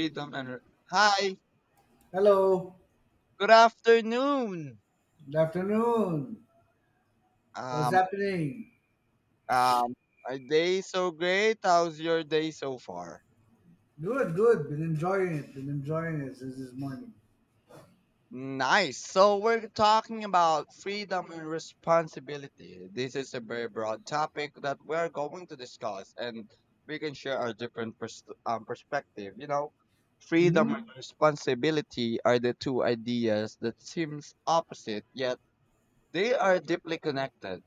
rhythm and r- Hi, Hello, good afternoon. good afternoon. What's um happening? um are day so great how's your day so far? Good, good. Been enjoying it. Been enjoying it since this morning. Nice. So we're talking about freedom and responsibility. This is a very broad topic that we're going to discuss, and we can share our different perspective. Freedom Hmm. and responsibility are the two ideas that seems opposite, yet they are deeply connected.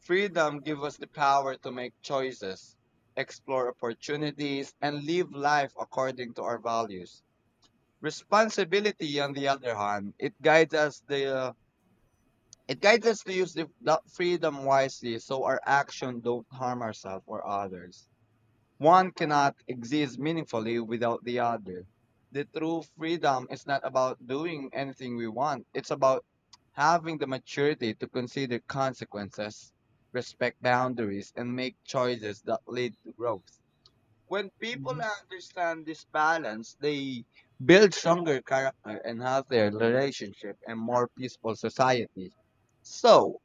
Freedom gives us the power to make choices, explore opportunities, and live life according to our values. Responsibility, on the other hand, it guides us to use the freedom wisely so our action don't harm ourselves or others. One cannot exist meaningfully without the other. The true freedom is not about doing anything we want, it's about having the maturity to consider consequences, respect boundaries, and make choices that lead to growth. When people Hmm. understand this balance, they build stronger character and healthier relationship and more peaceful society. So,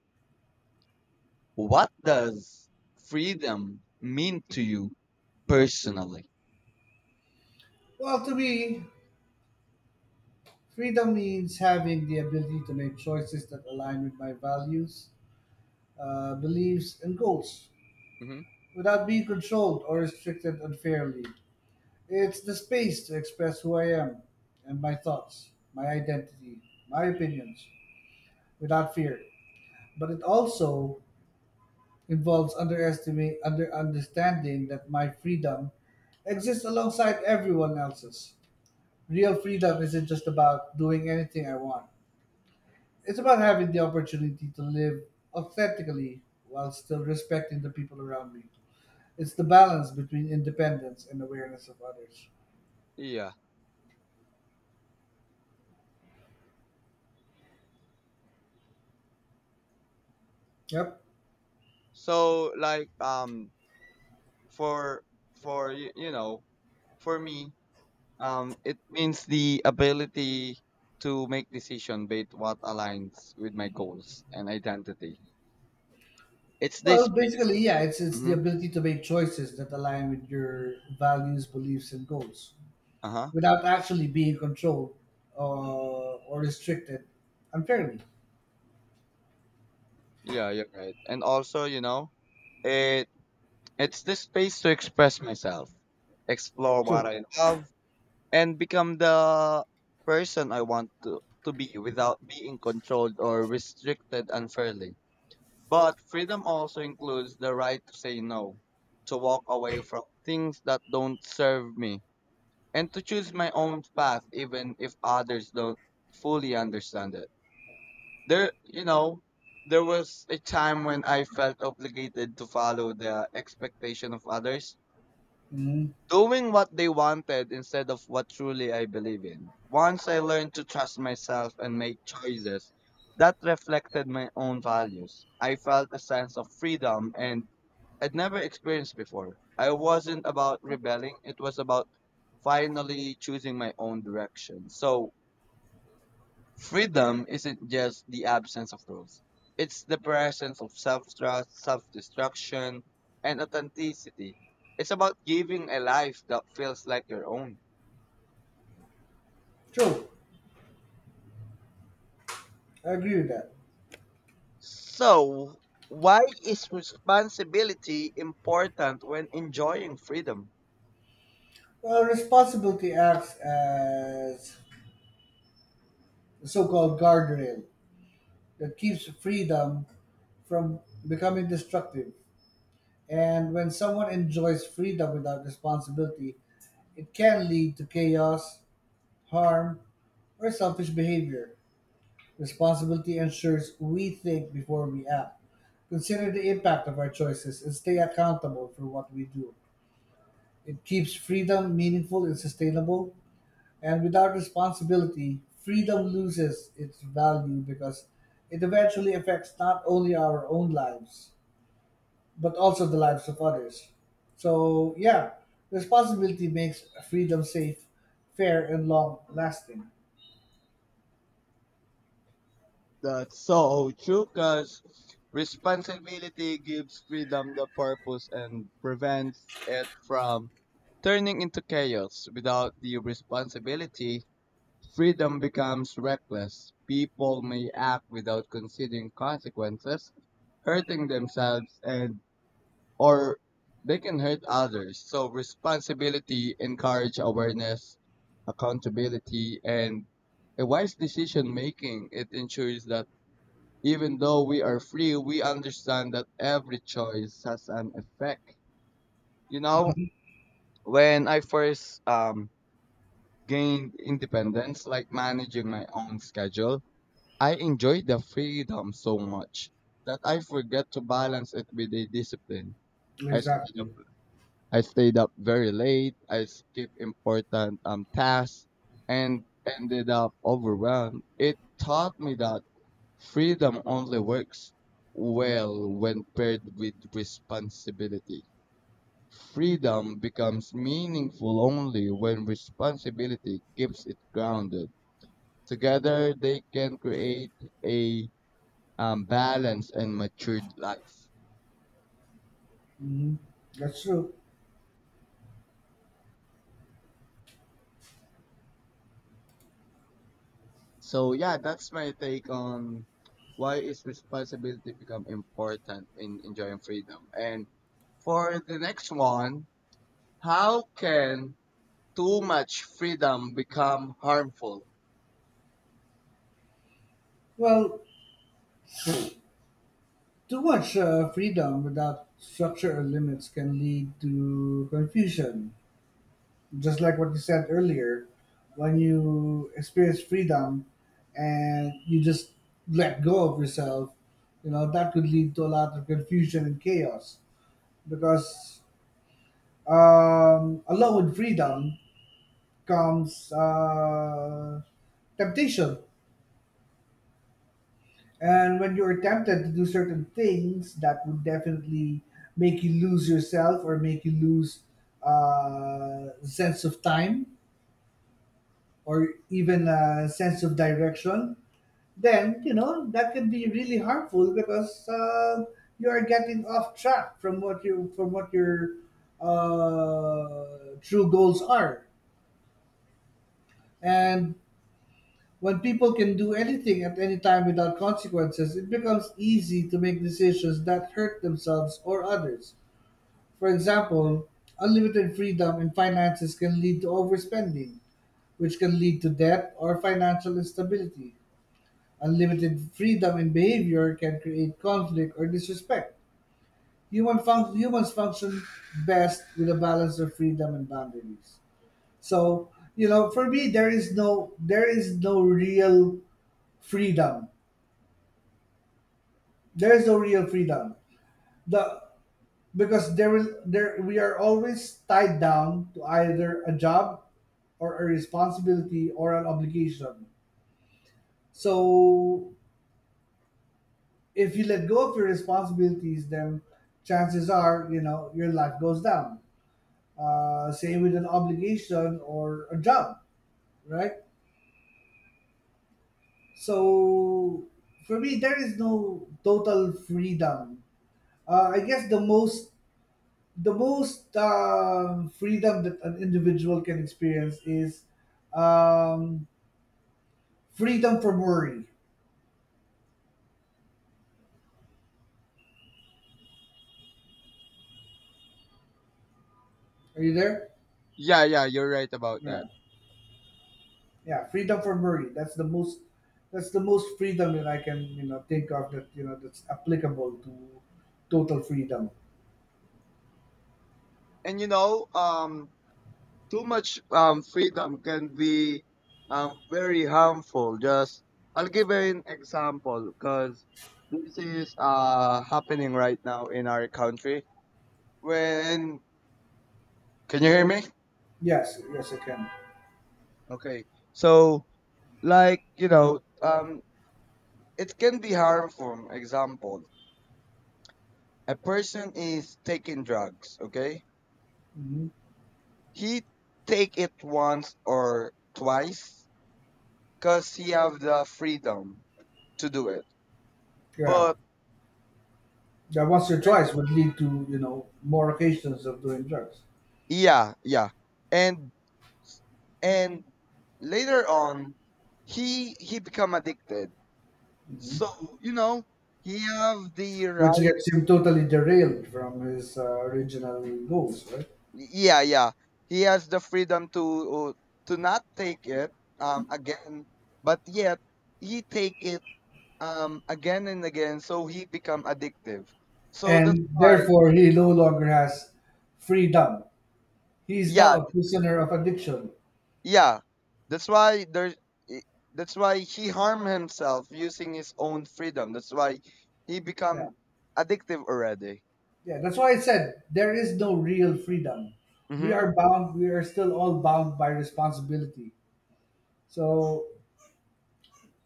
what does freedom mean to you personally? Well, to me, freedom means having the ability to make choices that align with my values, beliefs, and goals without being controlled or restricted unfairly. It's the space to express who I am and my thoughts, my identity, my opinions without fear. But it also involves underestimate under understanding that my freedom exists alongside everyone else's. Real freedom isn't just about doing anything I want. It's about having the opportunity to live authentically while still respecting the people around me. It's the balance between independence and awareness of others. Yeah. Yep. So for for for me, it means the ability to make decision based what aligns with my goals and identity. It's this Well, space. basically, yeah, it's the Mm-hmm. ability to make choices that align with your values, beliefs, and goals. Uh huh. Without actually being controlled or restricted unfairly. Yeah, you're right. And also it it's this space to express myself, explore what True. I love, and become the person I want to be without being controlled or restricted unfairly. But freedom also includes the right to say no, to walk away from things that don't serve me, and to choose my own path even if others don't fully understand it. There, you know, there was a time when I felt obligated to follow the expectation of others, Hmm. doing what they wanted instead of what truly I believe in. Once I learned to trust myself and make choices that reflected my own values, I felt a sense of freedom and I'd never experienced before. I wasn't about rebelling, it was about finally choosing my own direction. So, freedom isn't just the absence of rules, it's the presence of self trust, self destruction, and authenticity. It's about giving a life that feels like your own. True. I agree with that. So, why is responsibility important when enjoying freedom? Well, responsibility acts as the so called guardrail that keeps freedom from becoming destructive. And when someone enjoys freedom without responsibility, it can lead to chaos, harm, or selfish behavior. Responsibility ensures we think before we act, consider the impact of our choices, and stay accountable for what we do. It keeps freedom meaningful and sustainable, and without responsibility, freedom loses its value because it eventually affects not only our own lives, but also the lives of others. So, yeah, responsibility makes freedom safe, fair, and long lasting. That's so true, because responsibility gives freedom the purpose and prevents it from turning into chaos. Without the responsibility, freedom becomes reckless. People may act without considering consequences, hurting themselves and or they can hurt others. So responsibility encourage awareness, accountability, and a wise decision making. It ensures that even though we are free, we understand that every choice has an effect. You know, when I first gained independence, like managing my own schedule, I enjoyed the freedom so much that I forget to balance it with a discipline. I stayed up, Exactly. I stayed up very late. I skipped important tasks and ended up overwhelmed. It taught me that freedom only works well when paired with responsibility. Freedom becomes meaningful only when responsibility keeps it grounded. Together, they can create a balanced and matured life. Mhm. That's true. So, yeah, that's my take on why is responsibility become important in enjoying freedom. And for the next one, how can too much freedom become harmful? Well, too much freedom without structure or limits can lead to confusion. Just like what you said earlier, when you experience freedom and you just let go of yourself, that could lead to a lot of confusion and chaos. Because along with freedom comes temptation. And when you're tempted to do certain things, that would definitely make you lose yourself or make you lose sense of time or even a sense of direction. Then that can be really harmful because you are getting off track from what you from what your true goals are. And when people can do anything at any time without consequences, it becomes easy to make decisions that hurt themselves or others. For example, unlimited freedom in finances can lead to overspending, which can lead to debt or financial instability. Unlimited freedom in behavior can create conflict or disrespect. Humans function best with a balance of freedom and boundaries. So, you know, for me, there is no real freedom. There is no real freedom the Because there will there we are always tied down to either a job or a responsibility or an obligation. So if you let go of your responsibilities then chances are your life goes down, say, with an obligation or a job, right? So for me there is no total freedom. I guess the most freedom that an individual can experience is um, freedom from worry. Are you there? Yeah, yeah, you're right about Yeah. that. Yeah, freedom from worry. That's the most freedom that I can think of that's applicable to total freedom. And too much freedom can be very harmful. Just I'll give an example because this is happening right now in our country. When can you hear me? Yes, yes I can. Okay, so like you know, um, it can be harmful. Example: a person is taking drugs. Okay. Hmm. He take it once or twice because he have the freedom to do it. Yeah. But That once your when choice would lead to more occasions of doing drugs. yeah, yeah, and and later on, he become addicted. Hmm. So you know, he have the Which right. gets him totally derailed from his original goals, right? Yeah, yeah, he has the freedom to not take it again, but yet he take it again and again. So he become addictive. So that's And why therefore he no longer has freedom. He is now yeah a th- prisoner of addiction. yeah, that's why there's i- that's why he harmed himself using his own freedom. That's why he Yeah, become addictive already. yeah. That's why I said there is no real freedom. We Mm-hmm. are bound. We are still all bound by responsibility. So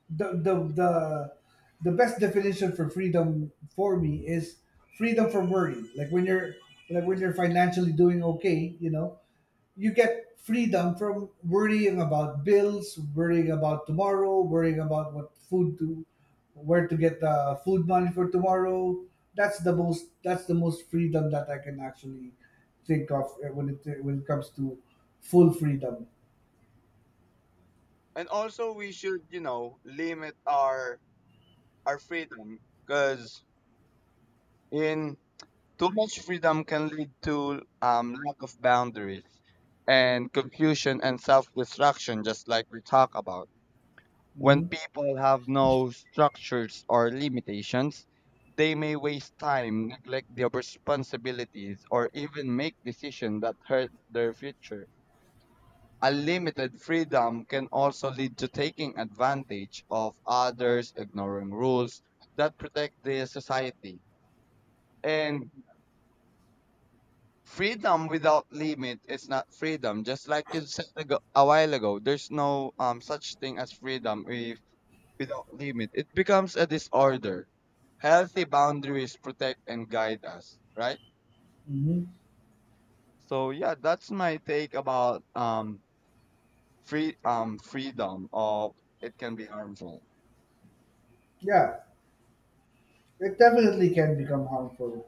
the the the the best definition for freedom for me is freedom from worry. Like when you're financially doing okay, you get freedom from worrying about bills, worrying about tomorrow, worrying about what food to where to get the food money for tomorrow. That's the most freedom that I can actually think of when it comes to full freedom. And also we should, you know, limit our freedom because in too much freedom can lead to lack of boundaries and confusion and self-destruction, just like we talk about. When Hmm. people have no structures or limitations, they may waste time, neglect their responsibilities, or even make decisions that hurt their future. Unlimited freedom can also lead to taking advantage of others, ignoring rules that protect the society. And freedom without limit is not freedom. Just like you said a while ago, there's no such thing as freedom if without limit, it becomes a disorder. Healthy boundaries protect and guide us, right? Hmm. So yeah, that's my take about freedom of it can be harmful. Yeah, it definitely can become harmful.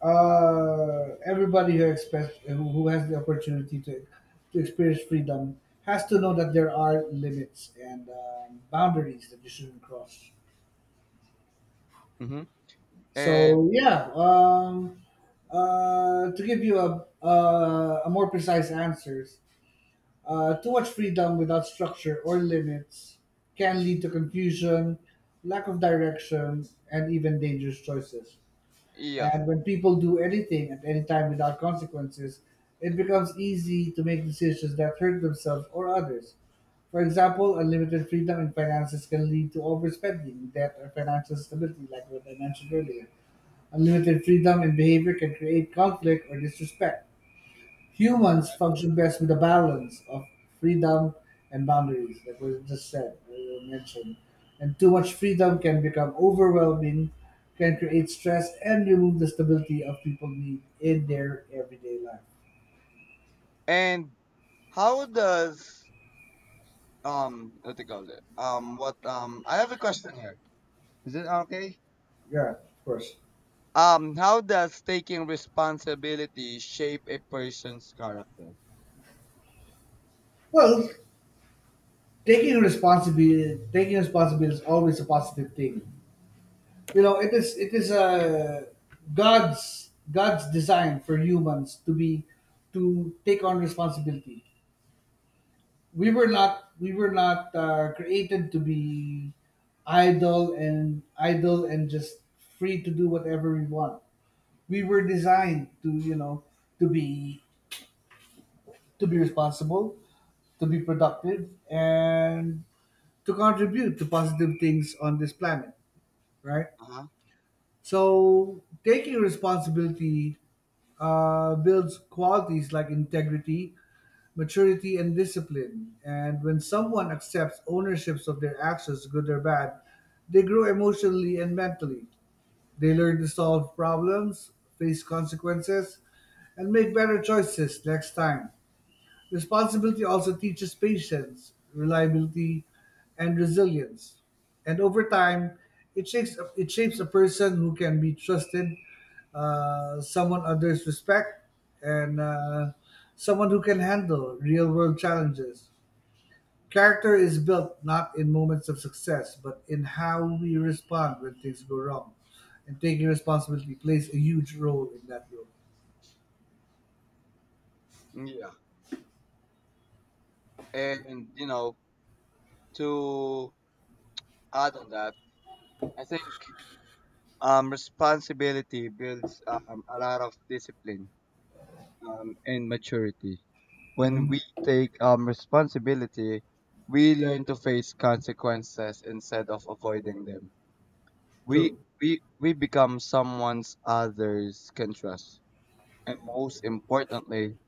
Everybody who expects who has the opportunity to experience freedom has to know that there are limits and boundaries that you shouldn't cross. Hmm. And So yeah, to give you a more precise answers, too much freedom without structure or limits can lead to confusion, lack of direction, and even dangerous choices. yeah, And when people do anything at any time without consequences, it becomes easy to make decisions that hurt themselves or others. For example, unlimited freedom in finances can lead to overspending, debt, or financial stability, like what I mentioned earlier. Unlimited freedom in behavior can create conflict or disrespect. Humans function best with a balance of freedom and boundaries, like we just said, we mentioned. And too much freedom can become overwhelming, can create stress, and remove the stability of people need in their everyday life. and how does what do you call it? What I have a question here. Is it okay? Yeah, of course. Um, how does taking responsibility shape a person's character? Well, taking responsibility is always a positive thing. You know, it is a God's design for humans to take on responsibility. We were not created to be idle and just free to do whatever we want. We were designed to to be to be responsible, to be productive, and to contribute to positive things on this planet, right? Uh-huh. So, taking responsibility builds qualities like integrity, maturity, and discipline. And when someone accepts ownerships of their actions, good or bad, they grow emotionally and mentally. They learn to solve problems, face consequences, and make better choices next time. Responsibility also teaches patience, reliability, and resilience. And over time, it shapes a person who can be trusted, someone others respect, and someone who can handle real world challenges. Character is built not in moments of success, but in how we respond when things go wrong. And taking responsibility plays a huge role in that role. Yeah. And to add on that, I think responsibility builds a lot of discipline and maturity. When Hmm. we take responsibility, we learn to face consequences instead of avoiding them. We True. We become someone's others can trust, and most importantly,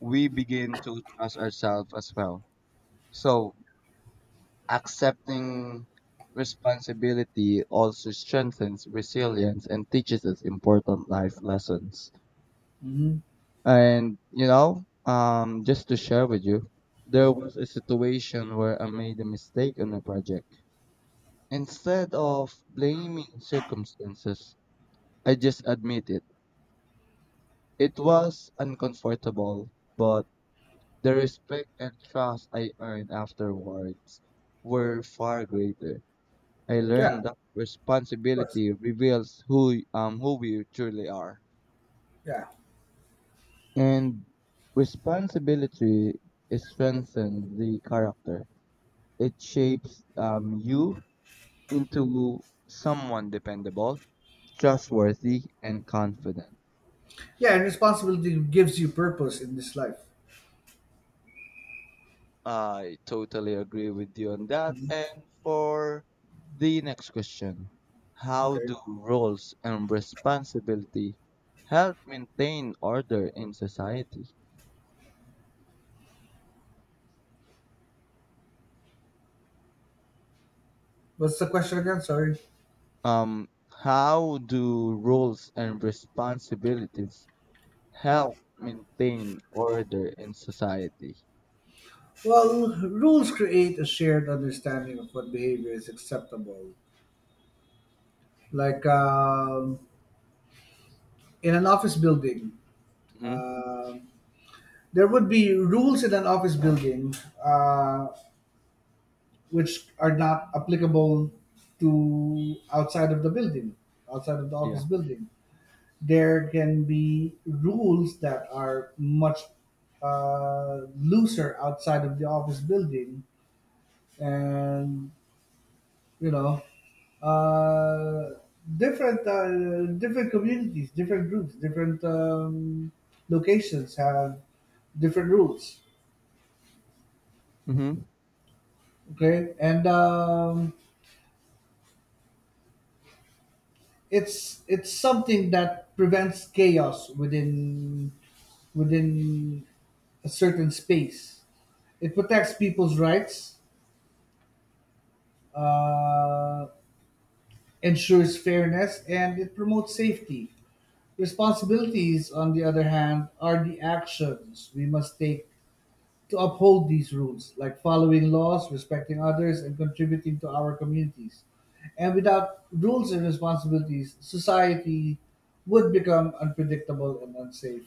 we begin to trust ourselves as well. So accepting responsibility also strengthens resilience and teaches us important life lessons. Hmm. Just to share with you, there was a situation where I made a mistake on a project. Instead of blaming circumstances, I just admit it. It was uncomfortable, but the respect and trust I earned afterwards were far greater. I Yeah, learned that of course. responsibility reveals who we truly are. Yeah. And responsibility is strengthens the character. It shapes you into someone dependable, trustworthy, and confident. Yeah, and responsibility gives you purpose in this life. I totally agree with you on that. And for the next question, how Okay. do roles and responsibility help maintain order in society? What's the question again? Sorry. Um, how do roles and responsibilities help maintain order in society? Well, rules create a shared understanding of what behavior is acceptable. Like in an office building, Hmm. um there would be rules in an office building uh, which are not applicable to outside of the building, outside of the Yeah. office building. There can be rules that are much looser outside of the office building, and you know, uh, different communities, different groups, different locations have different rules. Hmm. Okay. And it's something that prevents chaos within a certain space. It protects people's rights, uh, ensures fairness, and it promotes safety. Responsibilities, on the other hand, are the actions we must take to uphold these rules, like following laws, respecting others, and contributing to our communities. And without rules and responsibilities, society would become unpredictable and unsafe.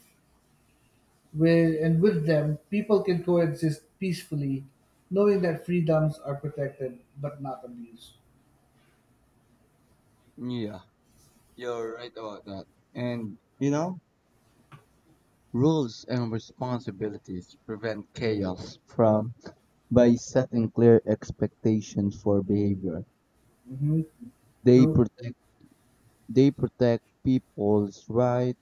With, and with them, people can coexist peacefully, knowing that freedoms are protected but not abused. Yeah. You're right about that. And, you know, rules and responsibilities prevent chaos from by setting clear expectations for behavior. Hmm. They True? protect they protect people's rights.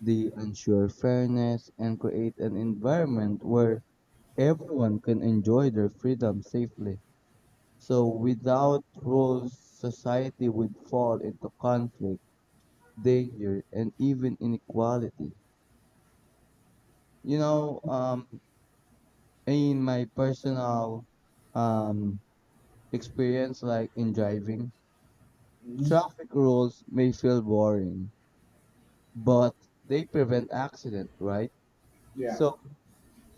They ensure fairness and create an environment where everyone can enjoy their freedom safely. So without rules, society would fall into conflict, danger, and even inequality. You know, um, in my personal um, experience, like in driving, Hmm. traffic rules may feel boring, but they prevent accident, right? Yeah. So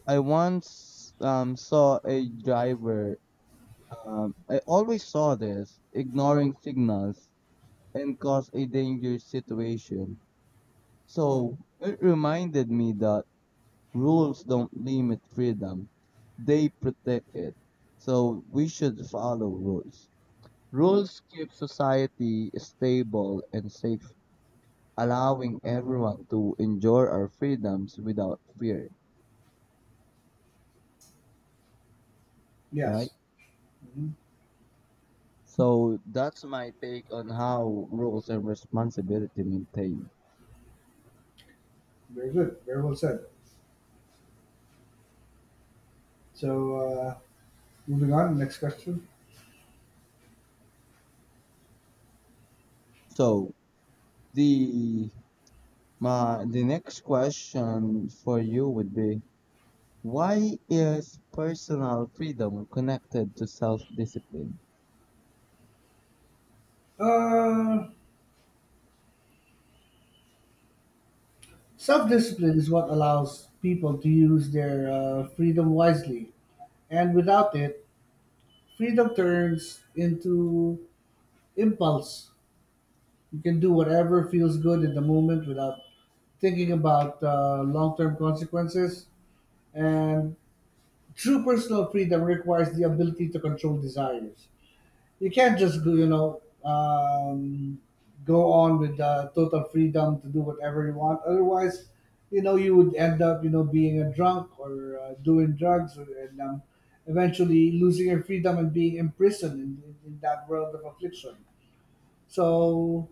I once saw a driver, I always saw this, ignoring signals and cause a dangerous situation. So it reminded me that rules don't limit freedom, they protect it. So we should follow rules. Mhm. Rules keep society stable and safe, allowing everyone to enjoy our freedoms without fear, right? Yes. Hmm. So that's my take on how roles and responsibility maintain. Very good. Very well said. So, moving on. Next question. So the my the next question for you would be, why is personal freedom connected to self discipline? Uh, Self discipline is what allows people to use their freedom wisely, and without it, freedom turns into impulse. You can do whatever feels good in the moment without thinking about long term consequences. And true personal freedom requires the ability to control desires. You can't just go, go on with total freedom to do whatever you want. Otherwise, you would end up, being a drunk or doing drugs and eventually losing your freedom and being imprisoned in that world of affliction. So,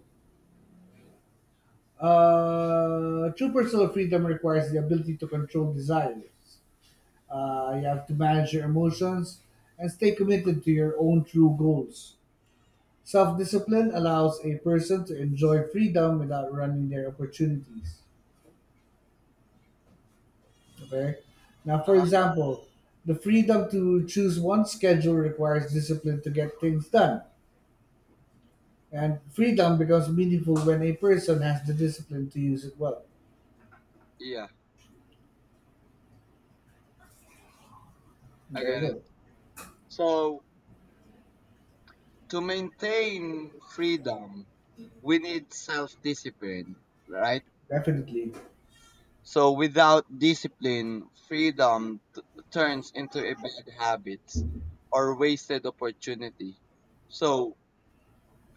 true personal freedom requires the ability to control desires. You have to manage your emotions and stay committed to your own true goals. Self discipline allows a person to enjoy freedom without running their opportunities. Okay? Now, Uh for huh. example, the freedom to choose one's schedule requires discipline to get things done. And freedom becomes meaningful when a person has the discipline to use it well. Yeah, I There you get it. go. So to maintain freedom, we need self discipline, right? Definitely. So without discipline, freedom turns into a bad habit or wasted opportunity. So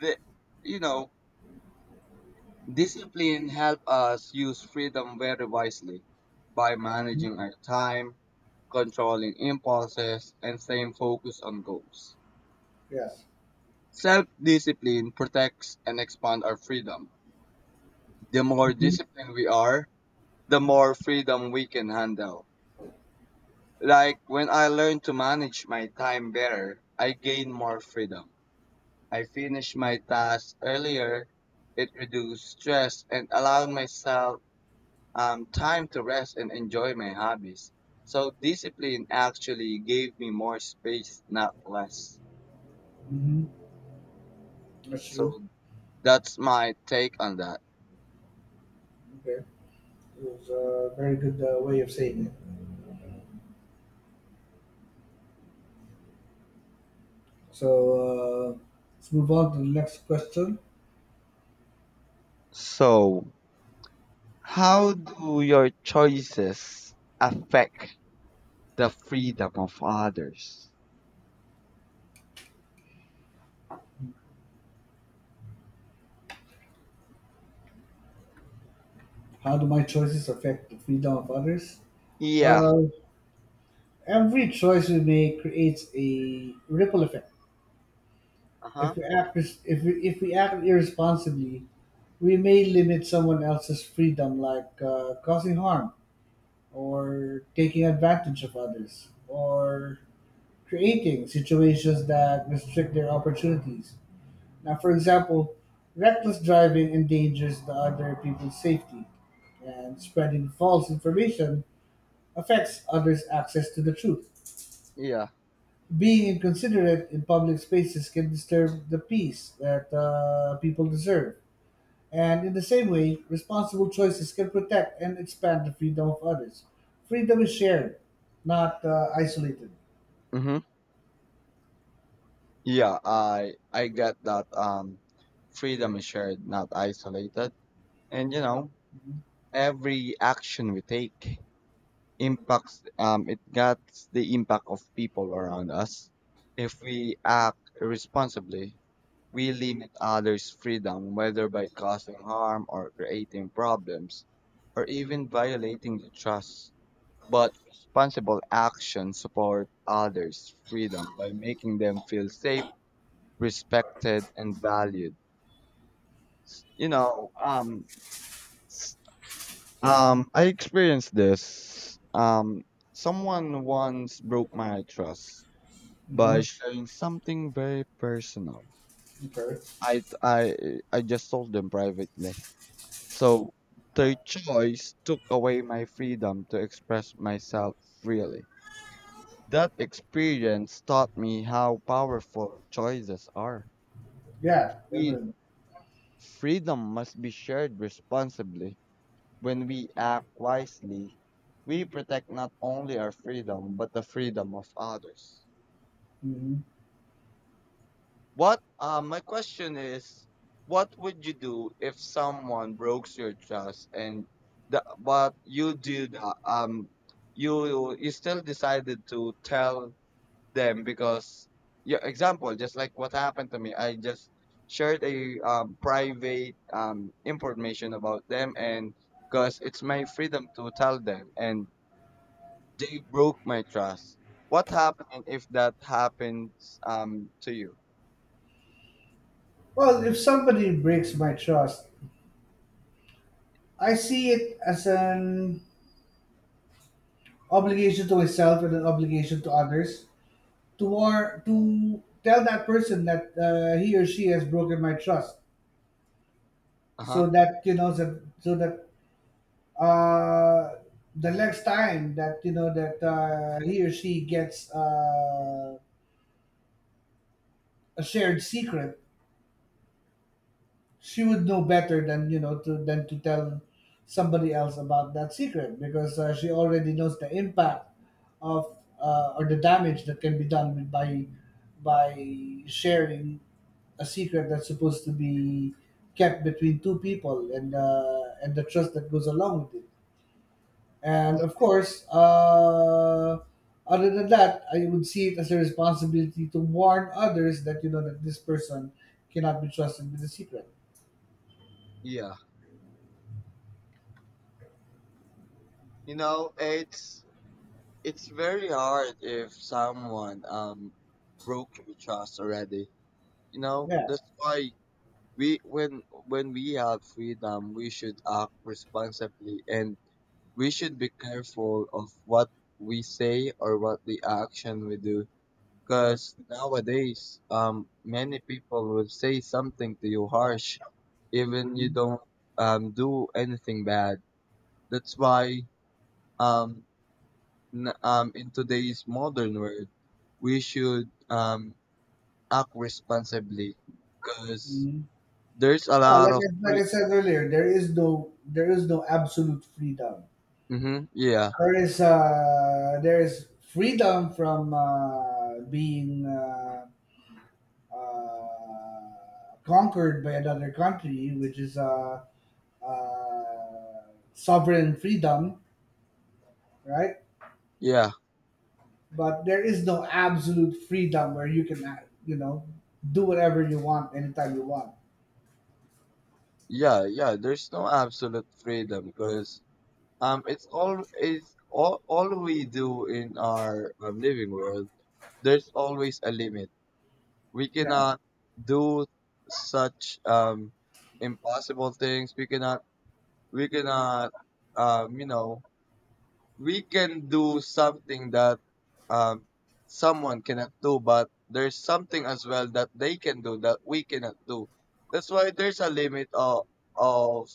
the you know discipline help us use freedom very wisely by Mhm. managing our time, controlling impulses, and staying focused on goals. Yeah. Self discipline protects and expands our freedom. The more Hmm. disciplined we are, the more freedom we can handle. Like when I learn to manage my time better, I gain more freedom. I finish my tasks earlier, it reduces stress and allow myself time to rest and enjoy my hobbies. So discipline actually gave me more space, not less. Hmm. That's true. So that's my take on that. Okay. It was a very good way of saying it. So uh, let's move on to the next question. So, how do your choices affect the freedom of others? How do my choices affect the freedom of others? Yeah. Well, every choice we make creates a ripple effect. Uh huh. If we act if we act irresponsibly, we may limit someone else's freedom, like causing harm or taking advantage of others, or creating situations that restrict their opportunities. Now, for example, reckless driving endangers the other people's safety, and spreading false information affects others' access to the truth. Yeah. Being inconsiderate in public spaces can disturb the peace that people deserve. And in the same way, responsible choices can protect and expand the freedom of others. Freedom is shared, not isolated. Mm-hmm. Yeah. I get that. Freedom is shared, not isolated. And every action we take impacts. It gets the impact of people around us. If we act irresponsibly, we limit others' freedom, whether by causing harm or creating problems, or even violating the trust. But responsible actions support others' freedom by making them feel safe, respected, and valued. You know, um, I experienced this. Someone once broke my trust by Hmm. sharing something very personal. Okay. I I I just told them privately. So their choice took away my freedom to express myself freely. That experience taught me how powerful choices are. Yeah. We, I freedom must be shared responsibly. When we act wisely, we protect not only our freedom, but the freedom of others. Mhm. What my question is, what would you do if someone breaks your trust and the, but you did you still decided to tell them? Because yeah, example, just like what happened to me, I just shared a private information about them, and because it's my freedom to tell them, and they broke my trust. What happened if that happens to you? Well, if somebody breaks my trust, I see it as an obligation to myself and an obligation to others. To tell that person that he or she has broken my trust, Uh-huh. so that you know that, so that uh, the next time that you know that he or she gets a shared secret, she would know better than to tell somebody else about that secret, because she already knows the impact of or the damage that can be done by sharing a secret that's supposed to be kept between two people, and the trust that goes along with it. And of course, other than that, I would see it as a responsibility to warn others, that you know, that this person cannot be trusted with a secret. Yeah, you know, it's very hard if someone broke your trust already, you know. Yeah. That's why We when we have freedom, we should act responsibly, and we should be careful of what we say or what the action we do. Because nowadays, many people will say something to you harsh, even you don't do anything bad. That's why um, in today's modern world, we should act responsibly because Mm. there's a Yeah, lot of like free. I said earlier, there is no, there is no absolute freedom. Mm-hmm. Yeah, There is freedom from being conquered by another country, which is sovereign freedom, right? yeah, But there is no absolute freedom where you can, you know, do whatever you want anytime you want. yeah. There's no absolute freedom because it's all we do in our living world, there's always a limit. We Yeah. cannot do such impossible things. We cannot um you know we can do something that um, someone cannot do, but there's something as well that they can do that we cannot do. That's why there's a limit of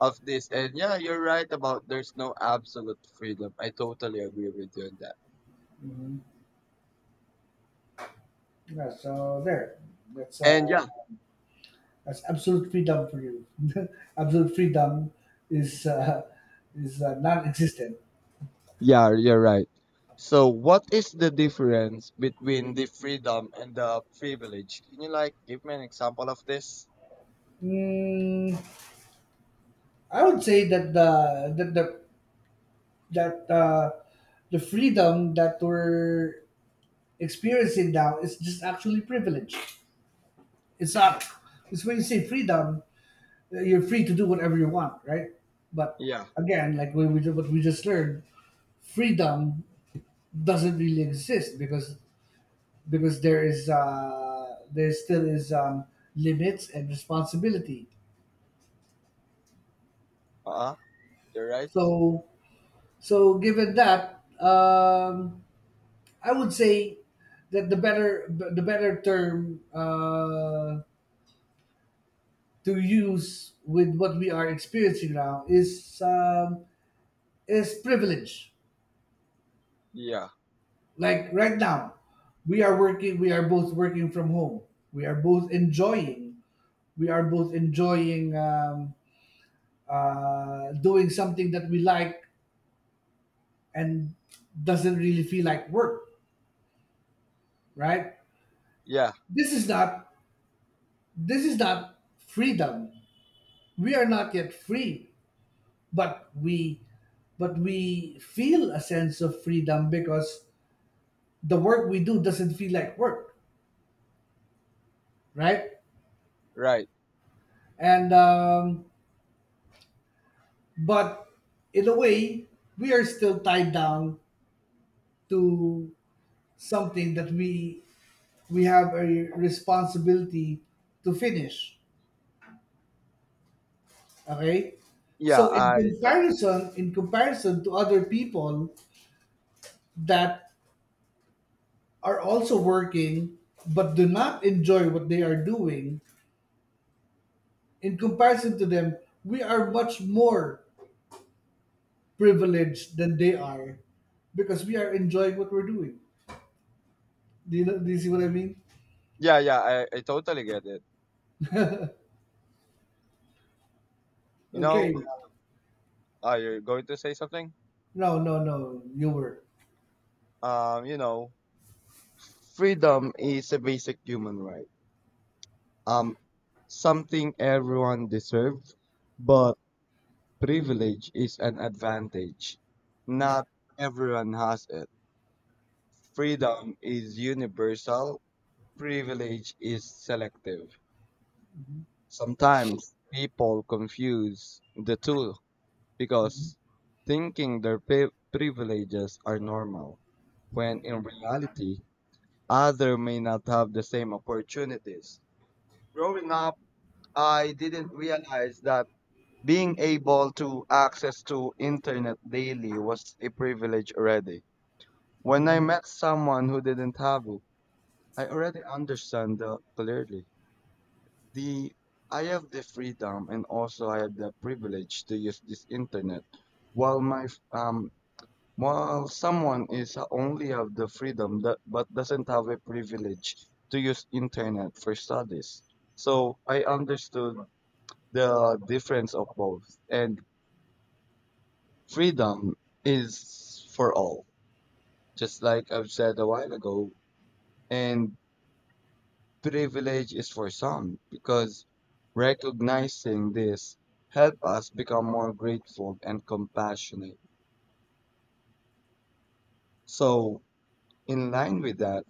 of this. And yeah, you're right about there's no absolute freedom. I totally agree with you on that. Hmm. Yeah. So there, that's And yeah, that's absolute freedom for you. Absolute freedom is non-existent. yeah, you're right. So what is the difference between the freedom and the privilege? Can you like give me an example of this? Mm, I would say that the freedom that we're experiencing now is just actually privilege. It's not. It's, when you say freedom, you're free to do whatever you want, right? But Yeah. again, like we what we just learned, freedom doesn't really exist, because there is there still is limits and responsibility. Uh-huh. You're right. So, so given that, I would say that the better term to use with what we are experiencing now is, is privilege. Yeah. Like right now, we are working. We are both working from home. We are both enjoying. We are both enjoying, doing something that we like, and doesn't really feel like work, right? Yeah. This is not, this is not freedom. We are not yet free, but we feel a sense of freedom, because the work we do doesn't feel like work, right? Right. And but in a way, we are still tied down to something that we have a responsibility to finish. Okay. Yeah, So, I to- in comparison to other people that are also working but do not enjoy what they are doing, in comparison to them, we are much more privileged than they are, because we are enjoying what we're doing. Do you know, do you see what I mean? yeah, I totally get it. You know, Okay. are you going to say something? No, no, no. You were. You know, freedom is a basic human right. Um, Something everyone deserves, but privilege is an advantage. Not everyone has it. Freedom is universal, privilege is selective. Sometimes people confuse the two, Mm-hmm. because thinking their privileges are normal, when in reality, others may not have the same opportunities. Growing up, I didn't realize that being able to access to internet daily was a privilege already. When I met someone who didn't have it, I already understand that clearly. The I have the freedom and also I have the privilege to use this internet while while someone is only have the freedom that but doesn't have a privilege to use internet for studies. So I understood the difference of both. And freedom is for all, just like I've said a while ago. And privilege is for some, because recognizing this help us become more grateful and compassionate. So in line with that,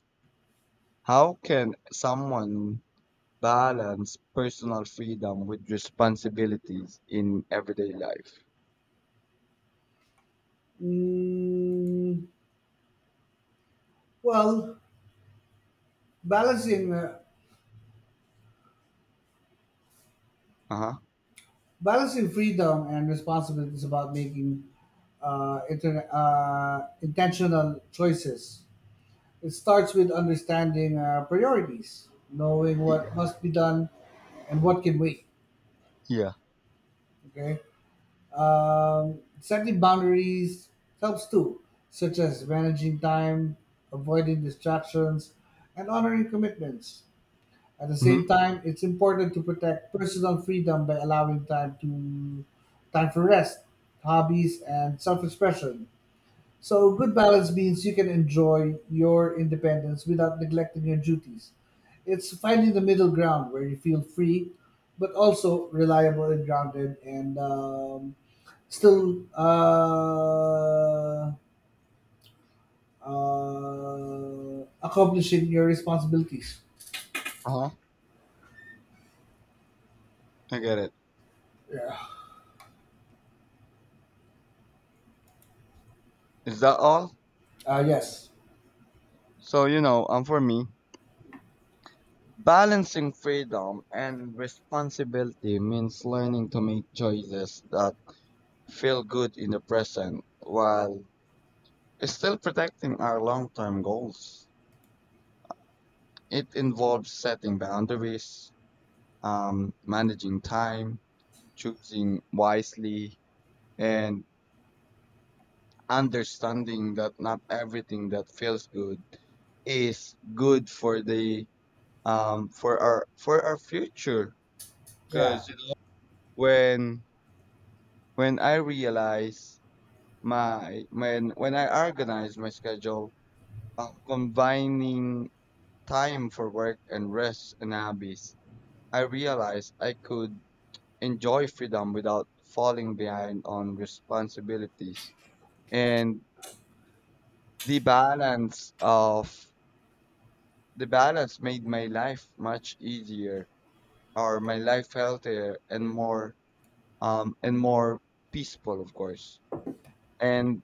how can someone balance personal freedom with responsibilities in everyday life? Mm, well, balancing. Uh, Uh huh. balancing freedom and responsibility is about making intentional choices. It starts with understanding priorities, knowing Yeah. what must be done and what can wait. Yeah. Okay, setting boundaries helps too, such as managing time, avoiding distractions, and honoring commitments. At the same Mm-hmm. time, it's important to protect personal freedom by allowing time for rest, hobbies, and self-expression. So, good balance means you can enjoy your independence without neglecting your duties. It's finding the middle ground where you feel free, but also reliable and grounded, and still accomplishing your responsibilities. Uh huh. I get it. Yeah. Is that all? Yes. So you know, for me, balancing freedom and responsibility means learning to make choices that feel good in the present while still protecting our long-term goals. It involves setting boundaries, managing time, choosing wisely, and understanding that not everything that feels good is good for the for our future. Yeah. Because you know, when when i realize when I organize my schedule, combining time for work and rest and hobbies, I realize I could enjoy freedom without falling behind on responsibilities. And the balance of The balance made my life much easier, or my life healthier and more um and more peaceful, of course. And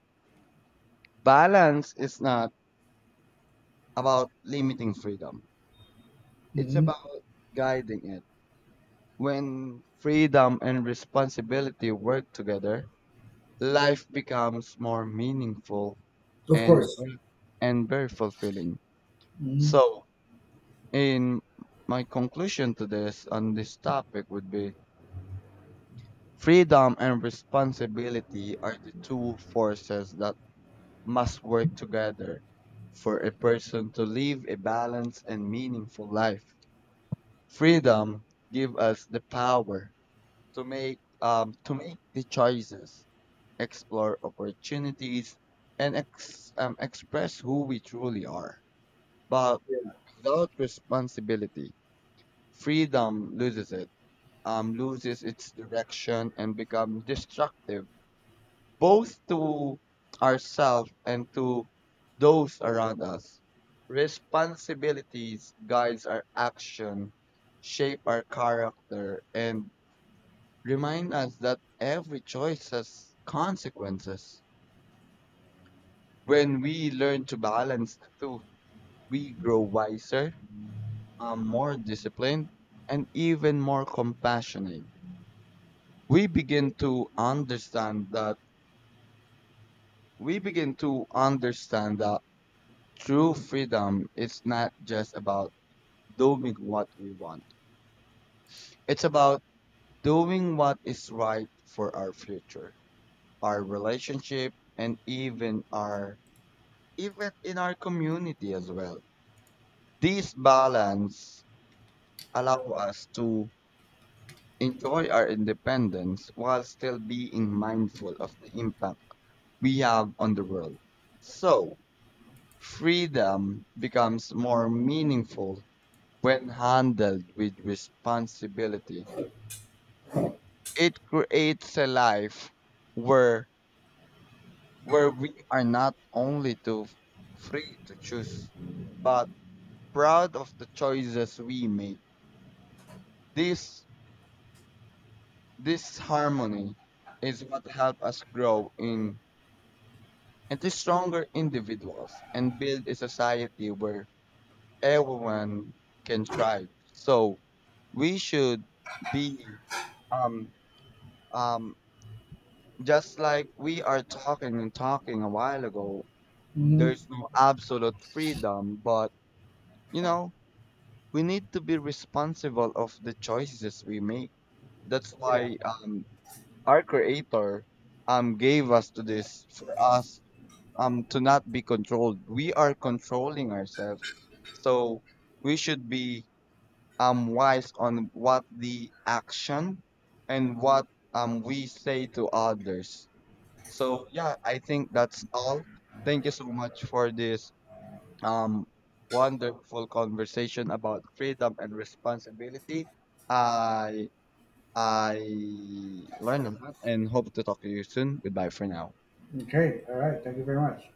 balance is not about limiting freedom. It's Mhm. about guiding it. When freedom and responsibility work together, life becomes more meaningful Of and course. and very fulfilling. Mhm. So, in my conclusion to this on this topic would be: Freedom and responsibility are the two forces that must work together for a person to live a balanced and meaningful life. Freedom gives us the power to make the choices, explore opportunities, and express who we truly are. But Yeah. without responsibility, freedom loses it, loses its direction, and becomes destructive both to ourselves and to those around us. Responsibilities guides our action, shape our character, and remind us that every choice has consequences. When we learn to balance the two, we grow wiser, more disciplined, and even more compassionate. We begin to understand that we begin to understand that true freedom is not just about doing what we want. It's about doing what is right for our future, our relationship, and even our even in our community as well. This balance allow us to enjoy our independence while still being mindful of the impact we have on the world. So, freedom becomes more meaningful. When handled with responsibility, it creates a life where where we are not only to free to choose, but proud of the choices we make. This this harmony is what helps us grow in into stronger individuals and build a society where everyone can thrive. So we should be um um just like we are talking and talking a while ago, Mhm. there's no absolute freedom, but you know, we need to be responsible of the choices we make. That's Yeah. why our creator gave us to this for us to not be controlled. We are controlling ourselves. So we should be wise on what the action and what we say to others. So yeah, I think that's all. Thank you so much for this um wonderful conversation about freedom and responsibility. I I learned a lot and hope to talk to you soon. Goodbye for now. Okay. All right. Thank you very much.